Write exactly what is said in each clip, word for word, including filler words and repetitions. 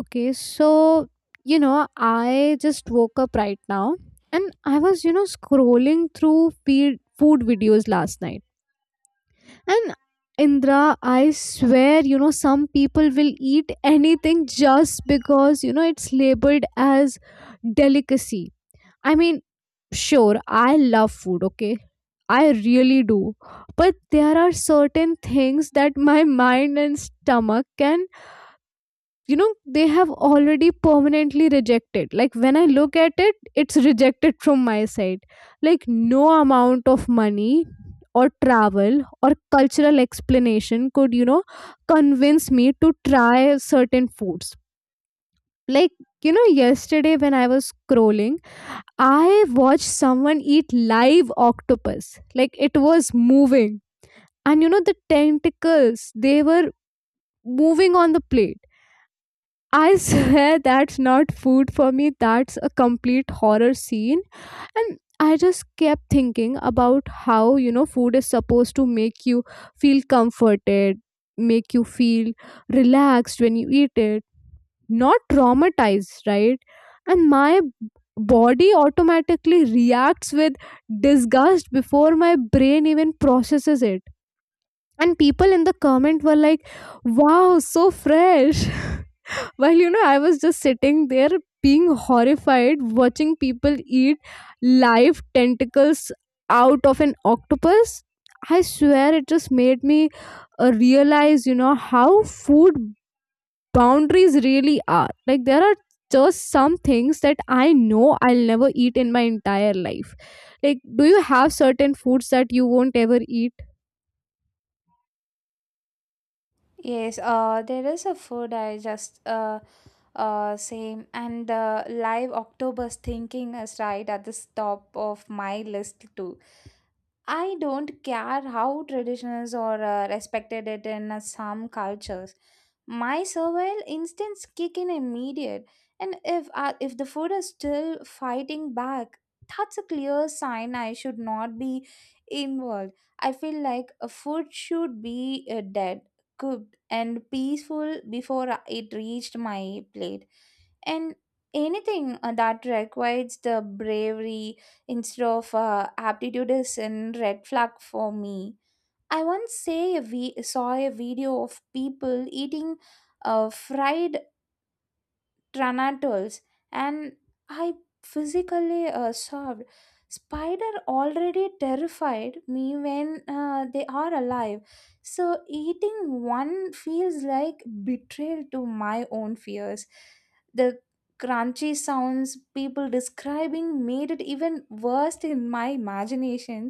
Okay, so you know, I just woke up right now and I was, you know, scrolling through feed, food videos last night. And Indra, I swear, you know, some people will eat anything just because, you know, it's labeled as delicacy. I mean, sure, I love food, okay? I really do. But there are certain things that my mind and stomach can you know they have already permanently rejected. Like when I look at it, it's rejected from my side. Like no amount of money or travel or cultural explanation could, you know convince me to try certain foods. Like, you know yesterday when I was scrolling, I watched someone eat live octopus. Like it was moving, and you know the tentacles, they were moving on the plate. I swear that's not food for me, that's a complete horror scene. And I just kept thinking about how, you know, food is supposed to make you feel comforted, make you feel relaxed when you eat it, not traumatized, right? And my b- body automatically reacts with disgust before my brain even processes it. And people in the comment were like, wow, so fresh. While, you know, I was just sitting there being horrified watching people eat live tentacles out of an octopus. I swear it just made me uh, realize, you know, how food boundaries really are. Like, there are just some things that I know I'll never eat in my entire life. Like, do you have certain foods that you won't ever eat? Yes, uh, there is a food I just uh, uh, same and the live octopus thinking is right at the top of my list too. I don't care how traditional or uh, respected it in uh, some cultures. My survival instincts kick in immediate, and if uh, if the food is still fighting back, that's a clear sign I should not be involved. I feel like a food should be uh, dead, cooked and peaceful before it reached my plate. And anything uh, that requires the bravery instead of uh, aptitude is a red flag for me. I once say a vi- saw a video of people eating uh, fried tranatals, and I physically uh, sobbed. Spider already terrified me when uh, they are alive, so eating one feels like betrayal to my own fears. The crunchy sounds people describing made it even worse in my imagination.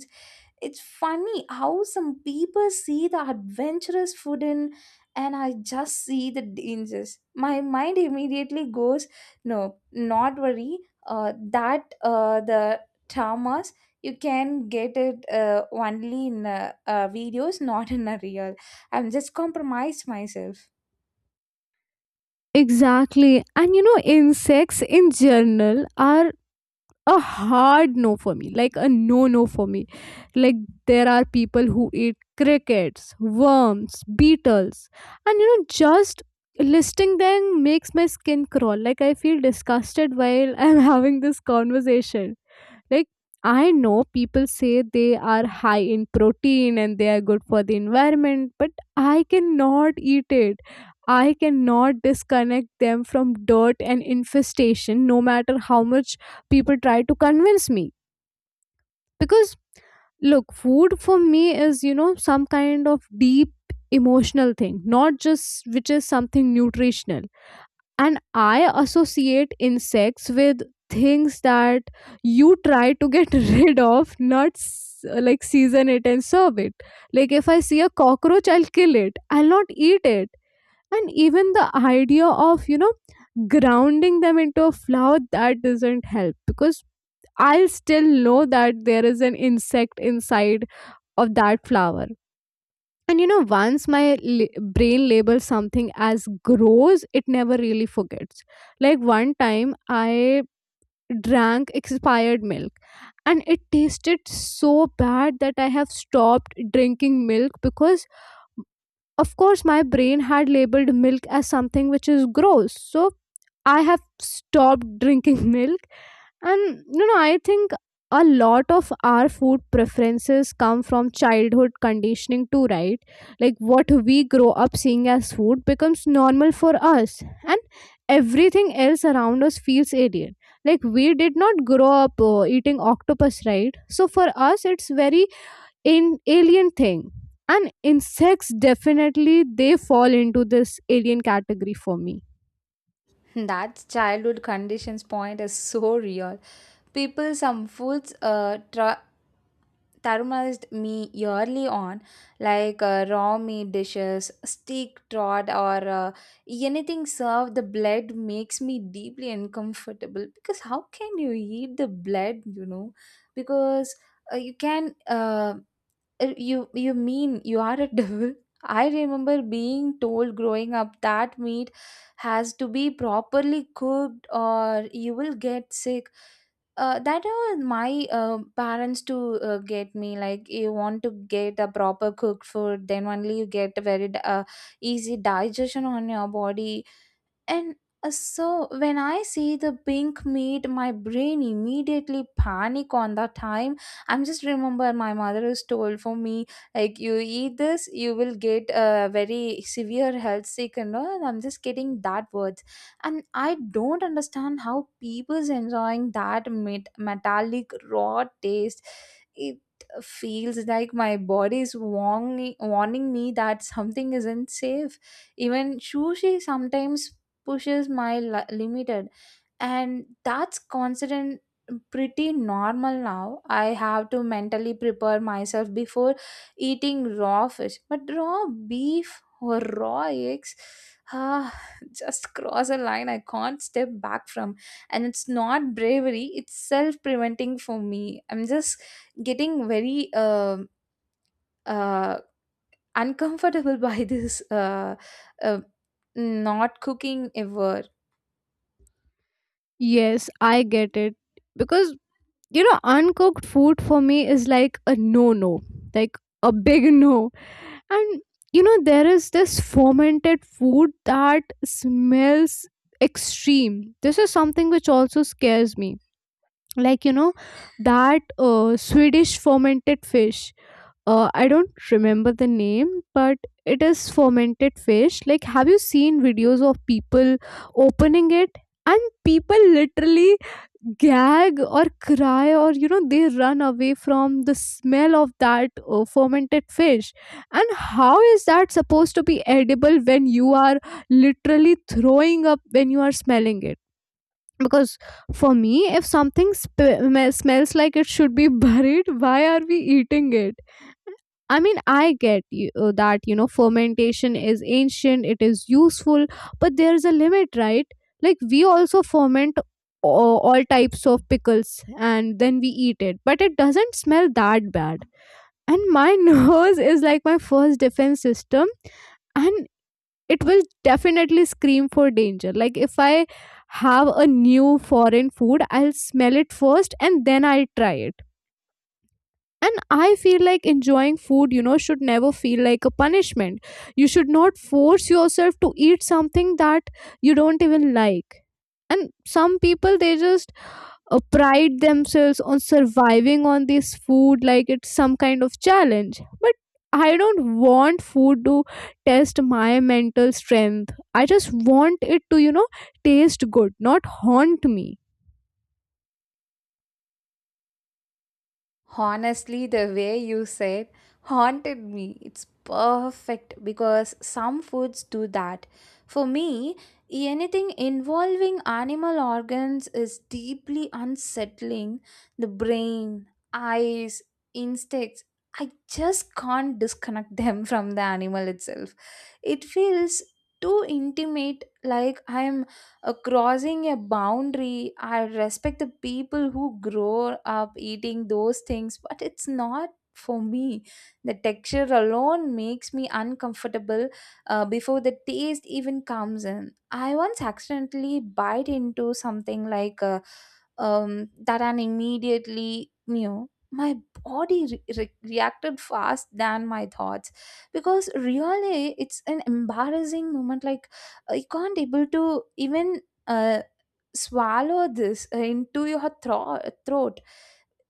It's funny how some people see the adventurous food in, and I just see the dangers. My mind immediately goes no, not worry. Uh, that uh, the traumas, you can get it uh, only in uh, uh, videos, not in a real. I'm just compromised myself. Exactly. And you know, insects in general are a hard no for me, like a no no for me. Like there are people who eat crickets, worms, beetles, and you know just listing them makes my skin crawl. Like I feel disgusted while I'm having this conversation. Like, I know people say they are high in protein and they are good for the environment, but I cannot eat it. I cannot disconnect them from dirt and infestation, no matter how much people try to convince me. Because, look, food for me is, you know, some kind of deep emotional thing, not just which is something nutritional. And I associate insects with things that you try to get rid of, not s- like season it and serve it. Like if I see a cockroach, I'll kill it, I'll not eat it. And even the idea of, you know grounding them into a flour, that doesn't help because I'll still know that there is an insect inside of that flower. And you know, once my li- brain labels something as gross, it never really forgets. Like one time, I drank expired milk and it tasted so bad that I have stopped drinking milk because of course, my brain had labeled milk as something which is gross. So I have stopped drinking milk. And, you know, I think a lot of our food preferences come from childhood conditioning, too, right? Like what we grow up seeing as food becomes normal for us. And everything else around us feels alien. Like we did not grow up uh, eating octopus, right? So for us, it's very in alien thing. And insects, definitely they fall into this alien category for me. That childhood conditions point is so real. People some foods uh, try tarumalized me yearly on, like uh, raw meat dishes, steak trot or uh, anything served the blood makes me deeply uncomfortable. Because how can you eat the blood, you know? Because uh, you can uh, er, You you mean you are a devil? I remember being told growing up that meat has to be properly cooked or you will get sick. Uh, that was my uh, parents to uh, get me, like you want to get a proper cooked food, then only you get a very di- uh, easy digestion on your body. And uh, so when I see the pink meat, my brain immediately panic on that time. I'm just remember my mother has told for me, like you eat this, you will get a very severe health sick and all. And I'm just getting that words, and I don't understand how people's enjoying that met- metallic raw taste. It feels like my body is warning warning me that something isn't safe. Even sushi sometimes pushes my li- limited, and that's constant pretty normal now. I have to mentally prepare myself before eating raw fish, but raw beef or raw eggs, ah, just cross a line I can't step back from. And it's not bravery, it's self preventing for me. I'm just getting very um uh, uncomfortable by this uh, uh, not cooking ever. Yes, I get it, because you know uncooked food for me is like a no no, like a big no. And you know there is this fermented food that smells extreme. This is something which also scares me. Like, you know that uh, Swedish fermented fish, uh, I don't remember the name, but it is fermented fish. Like, have you seen videos of people opening it? And people literally gag or cry, or you know, they run away from the smell of that uh, fermented fish. And how is that supposed to be edible when you are literally throwing up when you are smelling it? Because for me, if something sp- smells like it should be buried, why are we eating it? I mean, I get you, uh, that, you know, fermentation is ancient, it is useful, but there's a limit, right? Like, we also ferment all, all types of pickles and then we eat it, but it doesn't smell that bad. And my nose is like my first defense system, and it will definitely scream for danger. Like, if I have a new foreign food, I'll smell it first and then I'll try it. And I feel like enjoying food, you know, should never feel like a punishment. You should not force yourself to eat something that you don't even like. And some people, they just uh, pride themselves on surviving on this food like it's some kind of challenge. But I don't want food to test my mental strength. I just want it to, you know, taste good, not haunt me. Honestly, the way you said haunted me, it's perfect because some foods do that. For me, anything involving animal organs is deeply unsettling. The brain, eyes, instincts. I just can't disconnect them from the animal itself. It feels too intimate, like I am uh, crossing a boundary. I respect the people who grow up eating those things, but it's not for me. The texture alone makes me uncomfortable uh, before the taste even comes in. I once accidentally bite into something like uh, um, that, and immediately knew my body re- re- reacted fast than my thoughts. Because really it's an embarrassing moment, like you can't able to even uh, swallow this uh, into your thro- throat.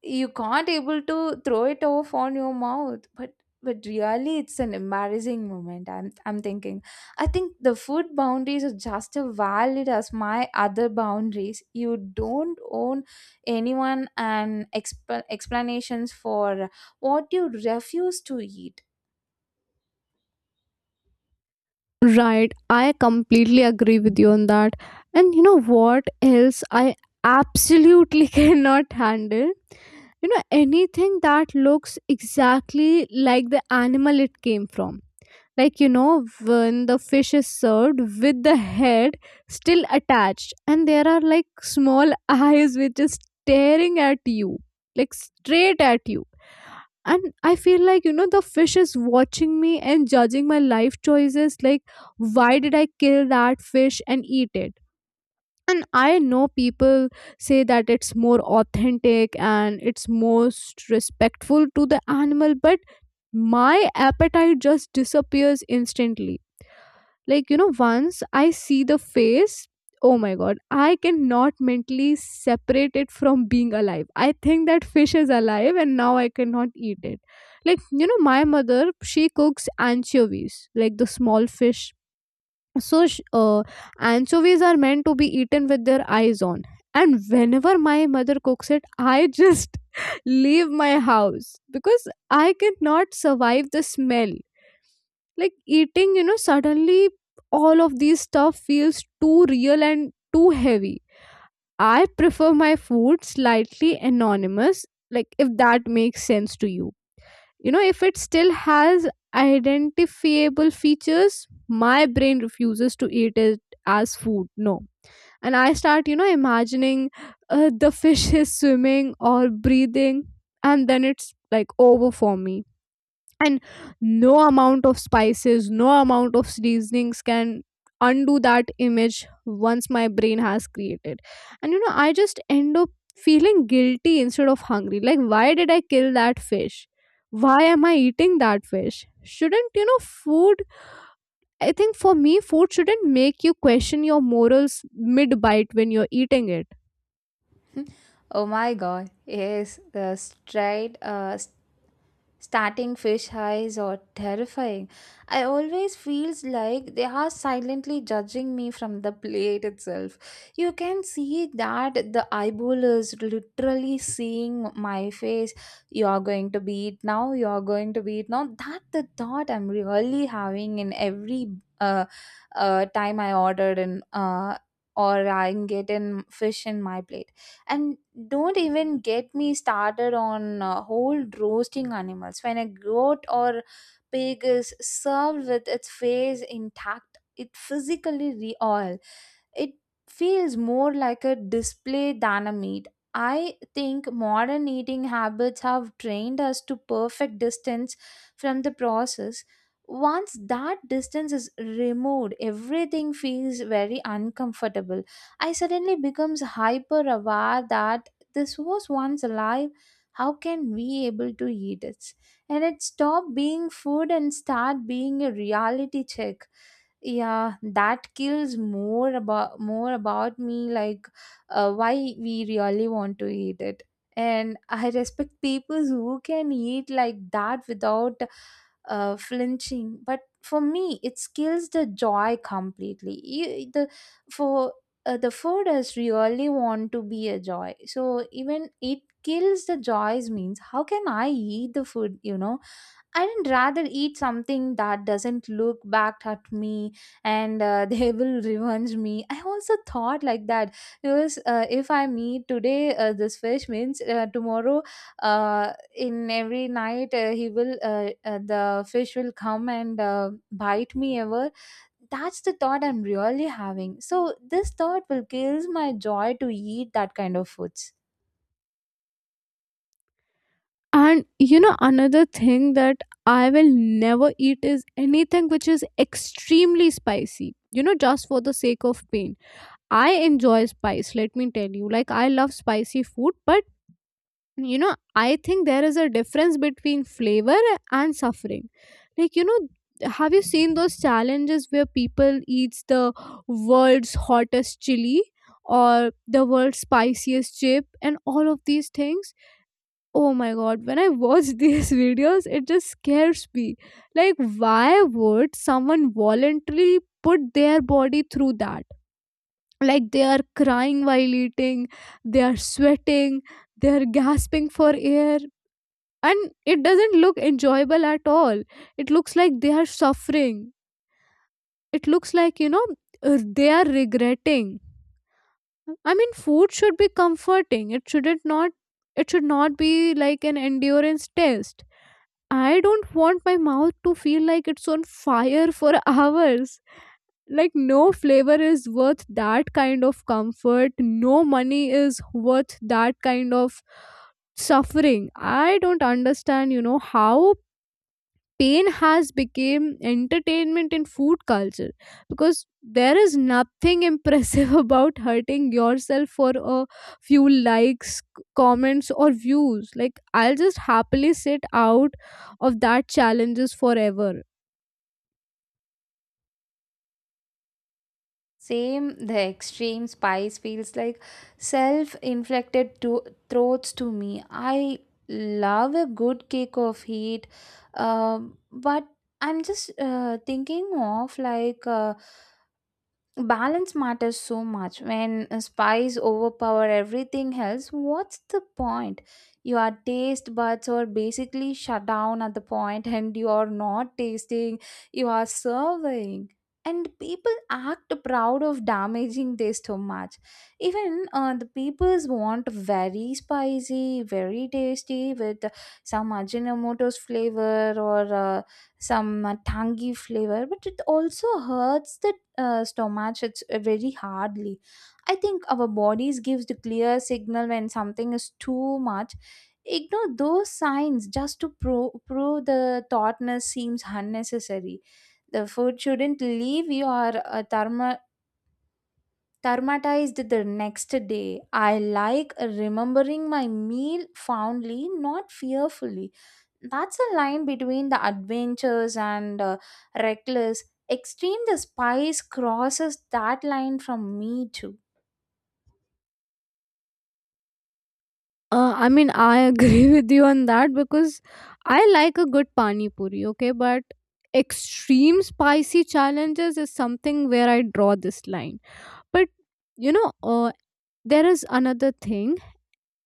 You can't able to throw it off on your mouth, but but really it's an embarrassing moment, i'm i'm thinking. I think the food boundaries are just as valid as my other boundaries. You don't own anyone and exp- explanations for what you refuse to eat. Right, I completely agree with you on that. And you know what else I absolutely cannot handle? You know, anything that looks exactly like the animal it came from. Like, you know, when the fish is served with the head still attached, and there are like small eyes which is staring at you, like straight at you. And I feel like, you know the fish is watching me and judging my life choices. Like why did I kill that fish and eat it? And I know people say that it's more authentic and it's most respectful to the animal, but my appetite just disappears instantly. Like, you know once I see the face, oh my god, I cannot mentally separate it from being alive. I think that fish is alive and now I cannot eat it. Like, you know my mother, she cooks anchovies, like the small fish. So sh- uh, anchovies are meant to be eaten with their eyes on. And whenever my mother cooks it, I just leave my house because I cannot survive the smell. Like eating, you know suddenly all of these stuff feels too real and too heavy. I prefer my food slightly anonymous, like if that makes sense to you. You know if it still has identifiable features, my brain refuses to eat it as food, no. And I start, you know imagining uh, the fish is swimming or breathing, and then it's like over for me. And no amount of spices, no amount of seasonings can undo that image once my brain has created. And you know I just end up feeling guilty instead of hungry. Like why did I kill that fish, why am I eating that fish? Shouldn't, you know food, I think for me food shouldn't make you question your morals mid bite when you're eating it. Oh my god, yes, the straight uh, starting fish eyes or terrifying. I always feels like they are silently judging me from the plate itself. You can see that the eyeball is literally seeing my face. You are going to be it now. You are going to be it now. That the thought I'm really having in every uh, uh, time I ordered in uh, or I'm getting fish in my plate. And don't even get me started on uh, whole roasting animals. When a goat or pig is served with its face intact, it physically re- all, it feels more like a display than a meat. I think modern eating habits have trained us to perfect distance from the process. Once that distance is removed, everything feels very uncomfortable. I suddenly becomes hyper aware that this was once alive. How can we able to eat it? And it stop being food and start being a reality check. Yeah, that kills more about more about me, like uh, why we really want to eat it. And I respect people who can eat like that without uh, flinching, but for me it kills the joy completely. You, the for uh, the food is really want to be a joy, so even it kills the joys means how can I eat the food, you know? I'd rather eat something that doesn't look back at me, and uh, they will revenge me. I also thought like that, because uh, if I meet today uh, this fish means uh, tomorrow uh, in every night uh, he will uh, uh, the fish will come and uh, bite me ever. That's the thought I'm really having. So this thought will kills my joy to eat that kind of foods. And you know, another thing that I will never eat is anything which is extremely spicy, you know, just for the sake of pain. I enjoy spice, let me tell you. Like, I love spicy food, but you know, I think there is a difference between flavor and suffering. Like, you know, have you seen those challenges where people eats the world's hottest chili or the world's spiciest chip and all of these things? Oh my god, when I watch these videos, it just scares me. Like, why would someone voluntarily put their body through that? Like, they are crying while eating, they are sweating, they are gasping for air, and it doesn't look enjoyable at all. It looks like they are suffering. It looks like, you know, uh, they are regretting. I mean, food should be comforting. It shouldn't not. It should not be like an endurance test. I don't want my mouth to feel like it's on fire for hours. Like, no flavor is worth that kind of comfort. No money is worth that kind of suffering. I don't understand, you know, how pain has become entertainment in food culture, because there is nothing impressive about hurting yourself for a few likes, c- comments or views. Like I'll just happily sit out of that challenges forever. Same, the extreme spice feels like self inflicted to- throats to me. I love a good kick of heat, um, but I'm just uh, thinking of like. Uh, balance matters so much. When spice overpower everything else, what's the point? Your taste buds are basically shut down at the point, and you are not tasting, you are serving. And people act proud of damaging their stomach. Even uh, the peoples want very spicy, very tasty with some ajinomoto's flavor or uh, some uh, tangy flavor, but it also hurts the uh, stomach, it's uh, very hardly. I think our bodies gives the clear signal when something is too much. Ignore those signs just to pro- prove the thoughtness seems unnecessary. The food shouldn't leave your uh, thermo traumatized the next day. I like remembering my meal fondly, not fearfully. That's a line between the adventures and uh, reckless. Extreme the spice crosses that line from me too. uh, I mean I agree with you on that because I like a good pani puri, okay? But extreme spicy challenges is something where I draw this line. But, you know uh, there is another thing.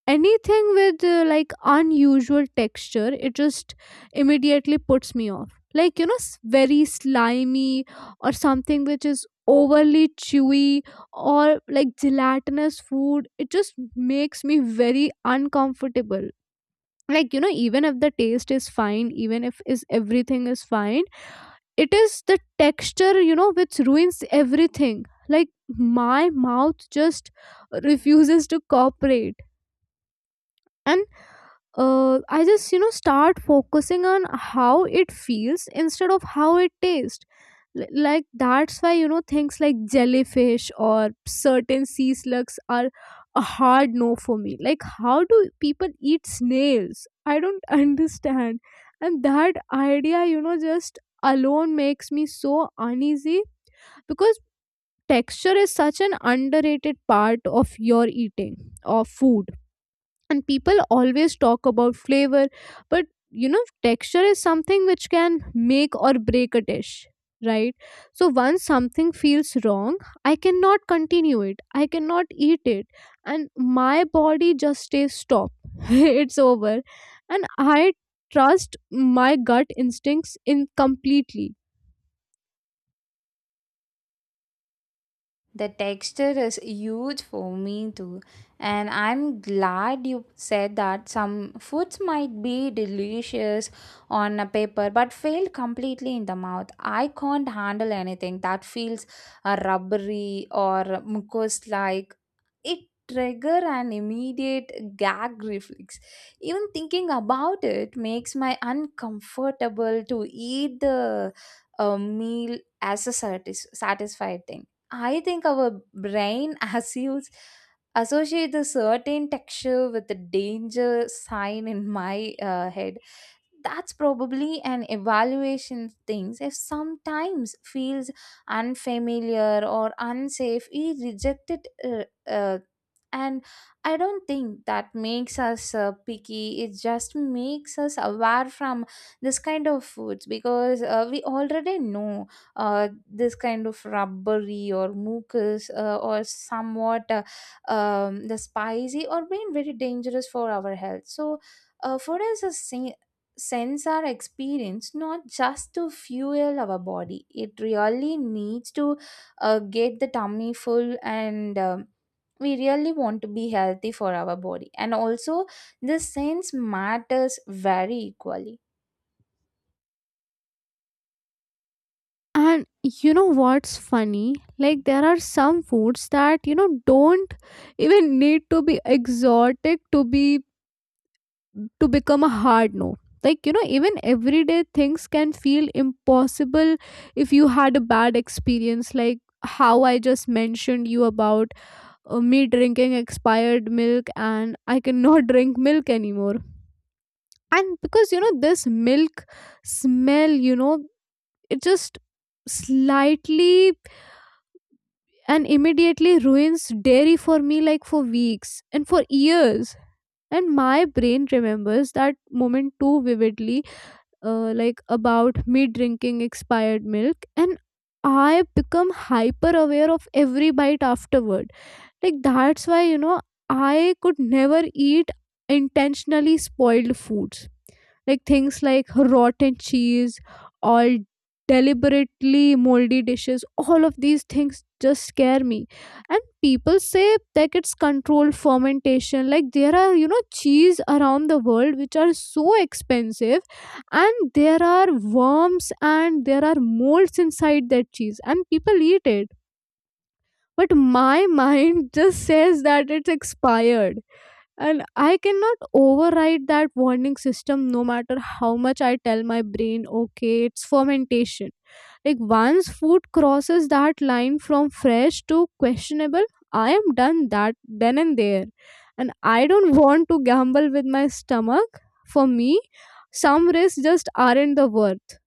Anything with uh, like unusual texture, it just immediately puts me off. Like, you know s- very slimy or something which is overly chewy or like gelatinous food, it just makes me very uncomfortable. Like, you know even if the taste is fine, even if is everything is fine, it is the texture, you know which ruins everything. Like my mouth just refuses to cooperate, and uh, I just, you know start focusing on how it feels instead of how it tastes. L- like that's why, you know things like jellyfish or certain sea slugs are a hard no for me. Like how do people eat snails? I don't understand. And that idea, you know, just alone makes me so uneasy because texture is such an underrated part of your eating of food, and people always talk about flavor, but you know texture is something which can make or break a dish, right? So once something feels wrong, I cannot continue it, I cannot eat it, and my body just stays stop. It's over, and I trust my gut instincts in completely. The texture is huge for me too, and I'm glad you said that. Some foods might be delicious on a paper but fail completely in the mouth. I can't handle anything that feels uh, rubbery or mucus like. It trigger an immediate gag reflex. Even thinking about it makes my uncomfortable to eat the uh, meal as a satis- satisfied thing. I think our brain assumes associate the certain texture with the danger sign in my uh, head. That's probably an evaluation things. If sometimes feels unfamiliar or unsafe, we reject it, uh, uh, and I don't think that makes us uh, picky. It just makes us aware from this kind of foods, because uh, we already know uh, this kind of rubbery or mucus uh, or somewhat uh, um, the spicy or being very dangerous for our health. So uh, food is a sen- sense our experience, not just to fuel our body. It really needs to uh, get the tummy full, and um, we really want to be healthy for our body, and also the sense matters very equally. And you know what's funny, like there are some foods that you know don't even need to be exotic to be to become a hard no. Like you know even everyday things can feel impossible if you had a bad experience, like how I just mentioned you about uh, me drinking expired milk, and I cannot drink milk anymore. And because you know this milk smell, you know, it just slightly and immediately ruins dairy for me, like for weeks and for years, and my brain remembers that moment too vividly. Uh, like about me drinking expired milk, and I become hyper aware of every bite afterward. Like that's why you know I could never eat intentionally spoiled foods. Like things like rotten cheese or deliberately moldy dishes, all of these things just scare me. And people say that it's controlled fermentation. Like there are, you know, cheese around the world which are so expensive, and there are worms and there are molds inside that cheese and people eat it, but my mind just says that it's expired, and I cannot override that warning system no matter how much I tell my brain okay it's fermentation. Like once food crosses that line from fresh to questionable, I am done that, then and there. And I don't want to gamble with my stomach. For me, some risks just aren't the worth.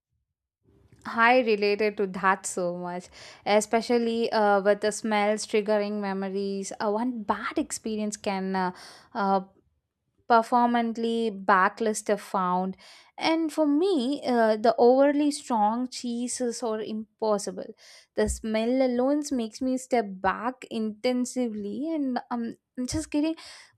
I related to that so much, especially uh, with the smells triggering memories. Uh, one bad experience can uh, uh, performantly backlist if found. And for me uh, the overly strong cheeses are impossible. The smell alone makes me step back intensively, and um, I'm just getting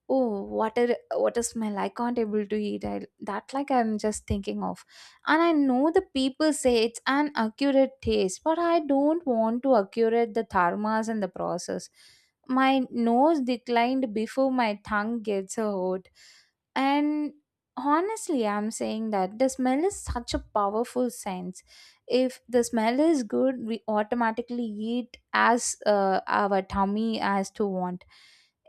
oh, what a what a smell, I can't able to eat I, that like I'm just thinking of. And I know the people say it's an accurate taste, but I don't want to accurate the dharmas and the process. My nose declined before my tongue gets a hold. And honestly, I'm saying that the smell is such a powerful sense. If the smell is good, we automatically eat as uh, our tummy as to want.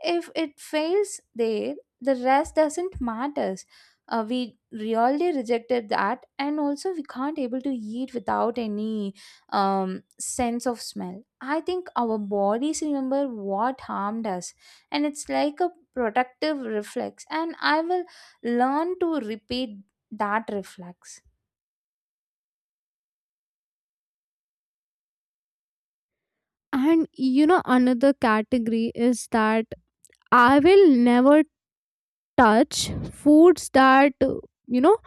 If it fails there, the rest doesn't matters. Uh, we really rejected that, and also we can't able to eat without any um, sense of smell. I think our bodies remember what harmed us, and it's like a protective reflex, and I will learn to repeat that reflex. And you know another category is that I will never touch foods that uh, you know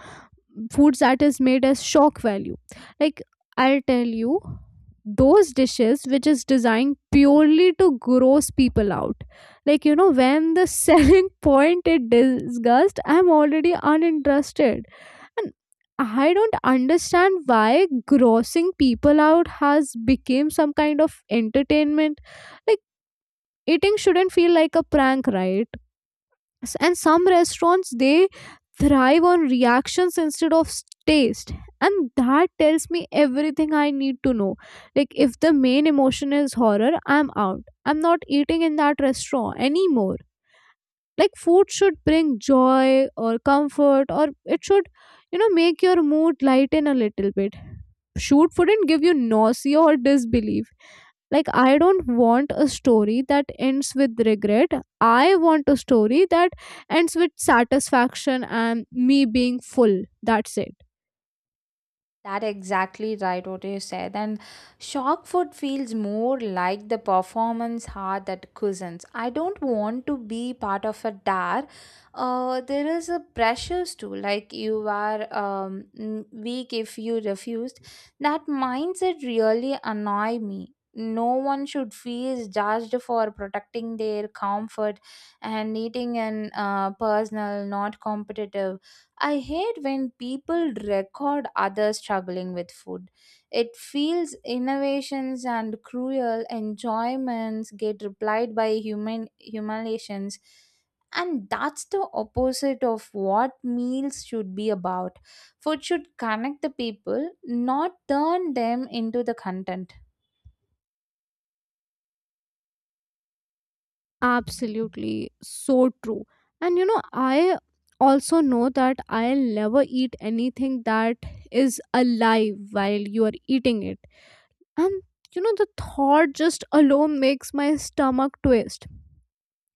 foods that is made as shock value. Like I'll tell you, those dishes which is designed purely to gross people out, like you know when the selling point it disgust, I'm already uninterested. And I don't understand why grossing people out has become some kind of entertainment. Like eating shouldn't feel like a prank, right? S- and some restaurants they thrive on reactions instead of s- taste, and that tells me everything I need to know. Like if the main emotion is horror, I'm out, I'm not eating in that restaurant anymore. Like food should bring joy or comfort, or it should you know make your mood lighten a little bit. Food shouldn't give you nausea or disbelief. Like I don't want a story that ends with regret, I want a story that ends with satisfaction and me being full. That's it. That exactly right what you said. And shock food feels more like the performance heart that cushions. I don't want to be part of a dare. Uh, there is a pressures too, like you are um, mm, weak if you refused. That mindset really annoy me. No one should feel judged for protecting their comfort, and eating in uh, personal, not competitive. I hate when people record others struggling with food. It feels innovations and cruel enjoyments get replied by human humiliations. And that's the opposite of what meals should be about. Food should connect the people, not turn them into the content. Absolutely so true. And you know, I also know that I'll never eat anything that is alive while you are eating it. And you know, the thought just alone makes my stomach twist.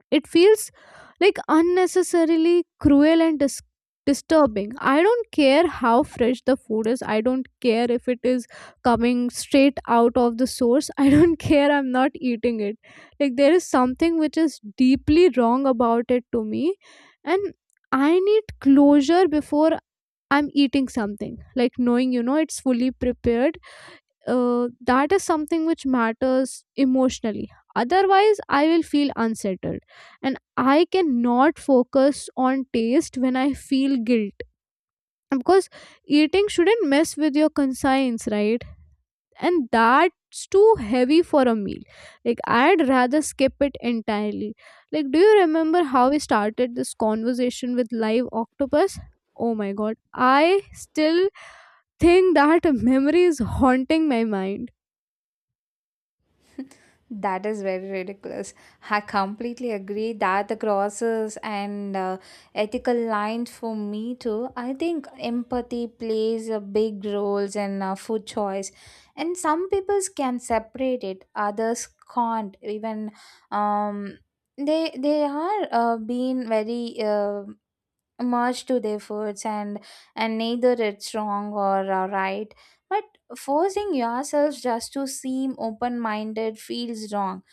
It feels like unnecessarily cruel and dis- disturbing. I don't care how fresh the food is. I don't care if it is coming straight out of the source. I don't care. I'm not eating it. Like, there is something which is deeply wrong about it to me. And I need closure before I'm eating something. Like, knowing, you know, it's fully prepared, uh, that is something which matters emotionally. Otherwise, I will feel unsettled. And I cannot focus on taste when I feel guilt. Because eating shouldn't mess with your conscience, right? And that's too heavy for a meal. Like, I'd rather skip it entirely. Like, do you remember how we started this conversation with live octopus? Oh my god, I still think that memory is haunting my mind. That is very ridiculous. I completely agree that the crosses and uh, ethical lines for me too. I think empathy plays a big roles in uh, food choice, and some people can separate it, others can't. Even um, they they are uh, being very uh, merged to their foods, and and neither it's wrong or uh, right. But forcing yourself just to seem open minded feels wrong.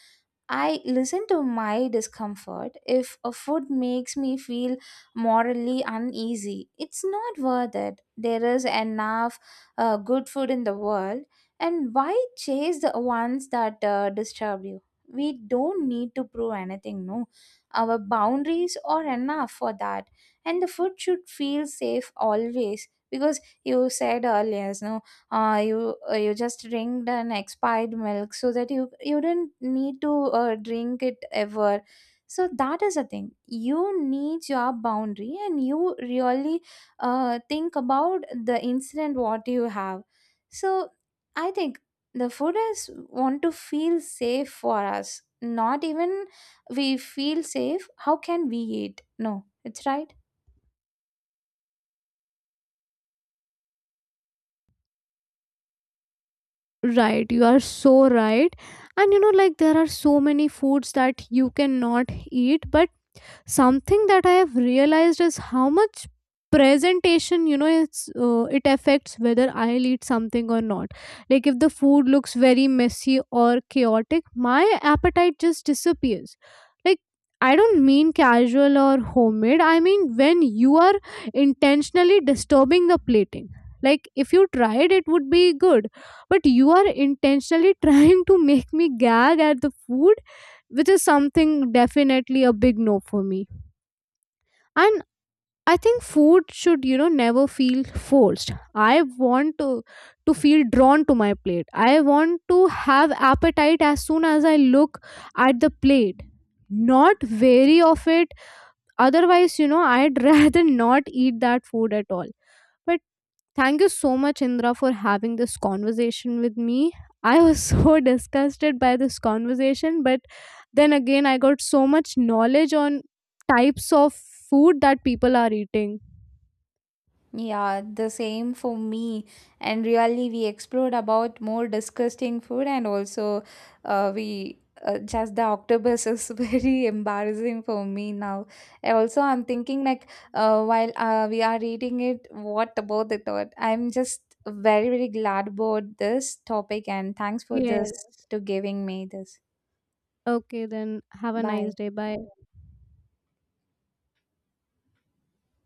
I listen to my discomfort. If a food makes me feel morally uneasy, it's not worth it. There is enough uh, good food in the world, and why chase the ones that uh, disturb you? We don't need to prove anything, no. Our boundaries are enough for that, and the food should feel safe always. Because you said earlier, no, uh, you uh, you just drink an expired milk, so that you you didn't need to uh, drink it ever. So that is a thing, you need your boundary, and you really uh, think about the incident what you have. So I think the food is want to feel safe for us. Not even we feel safe, how can we eat? No, it's right. Right, you are so right. And you know, like there are so many foods that you cannot eat, but something that I have realized is how much presentation, you know, it's uh, it affects whether I'll eat something or not. Like if the food looks very messy or chaotic, my appetite just disappears. Like I don't mean casual or homemade, I mean when you are intentionally disturbing the plating. Like if you tried it would be good, but you are intentionally trying to make me gag at the food, which is something definitely a big no for me. And I think food should you know never feel forced. I want to to feel drawn to my plate. I want to have appetite as soon as I look at the plate, not wary of it. Otherwise you know I'd rather not eat that food at all. But thank you so much Indra for having this conversation with me. I was so disgusted by this conversation, but then again, I got so much knowledge on types of food that people are eating. Yeah, the same for me. And really, we explored about more disgusting food, and also, uh, we uh, just the octopus is very embarrassing for me now. And also, I'm thinking like, uh, while uh, we are eating it, what about the thought? I'm just very, very glad about this topic, and thanks for this Yes. to giving me this. Okay, then have a nice Bye. day. Bye.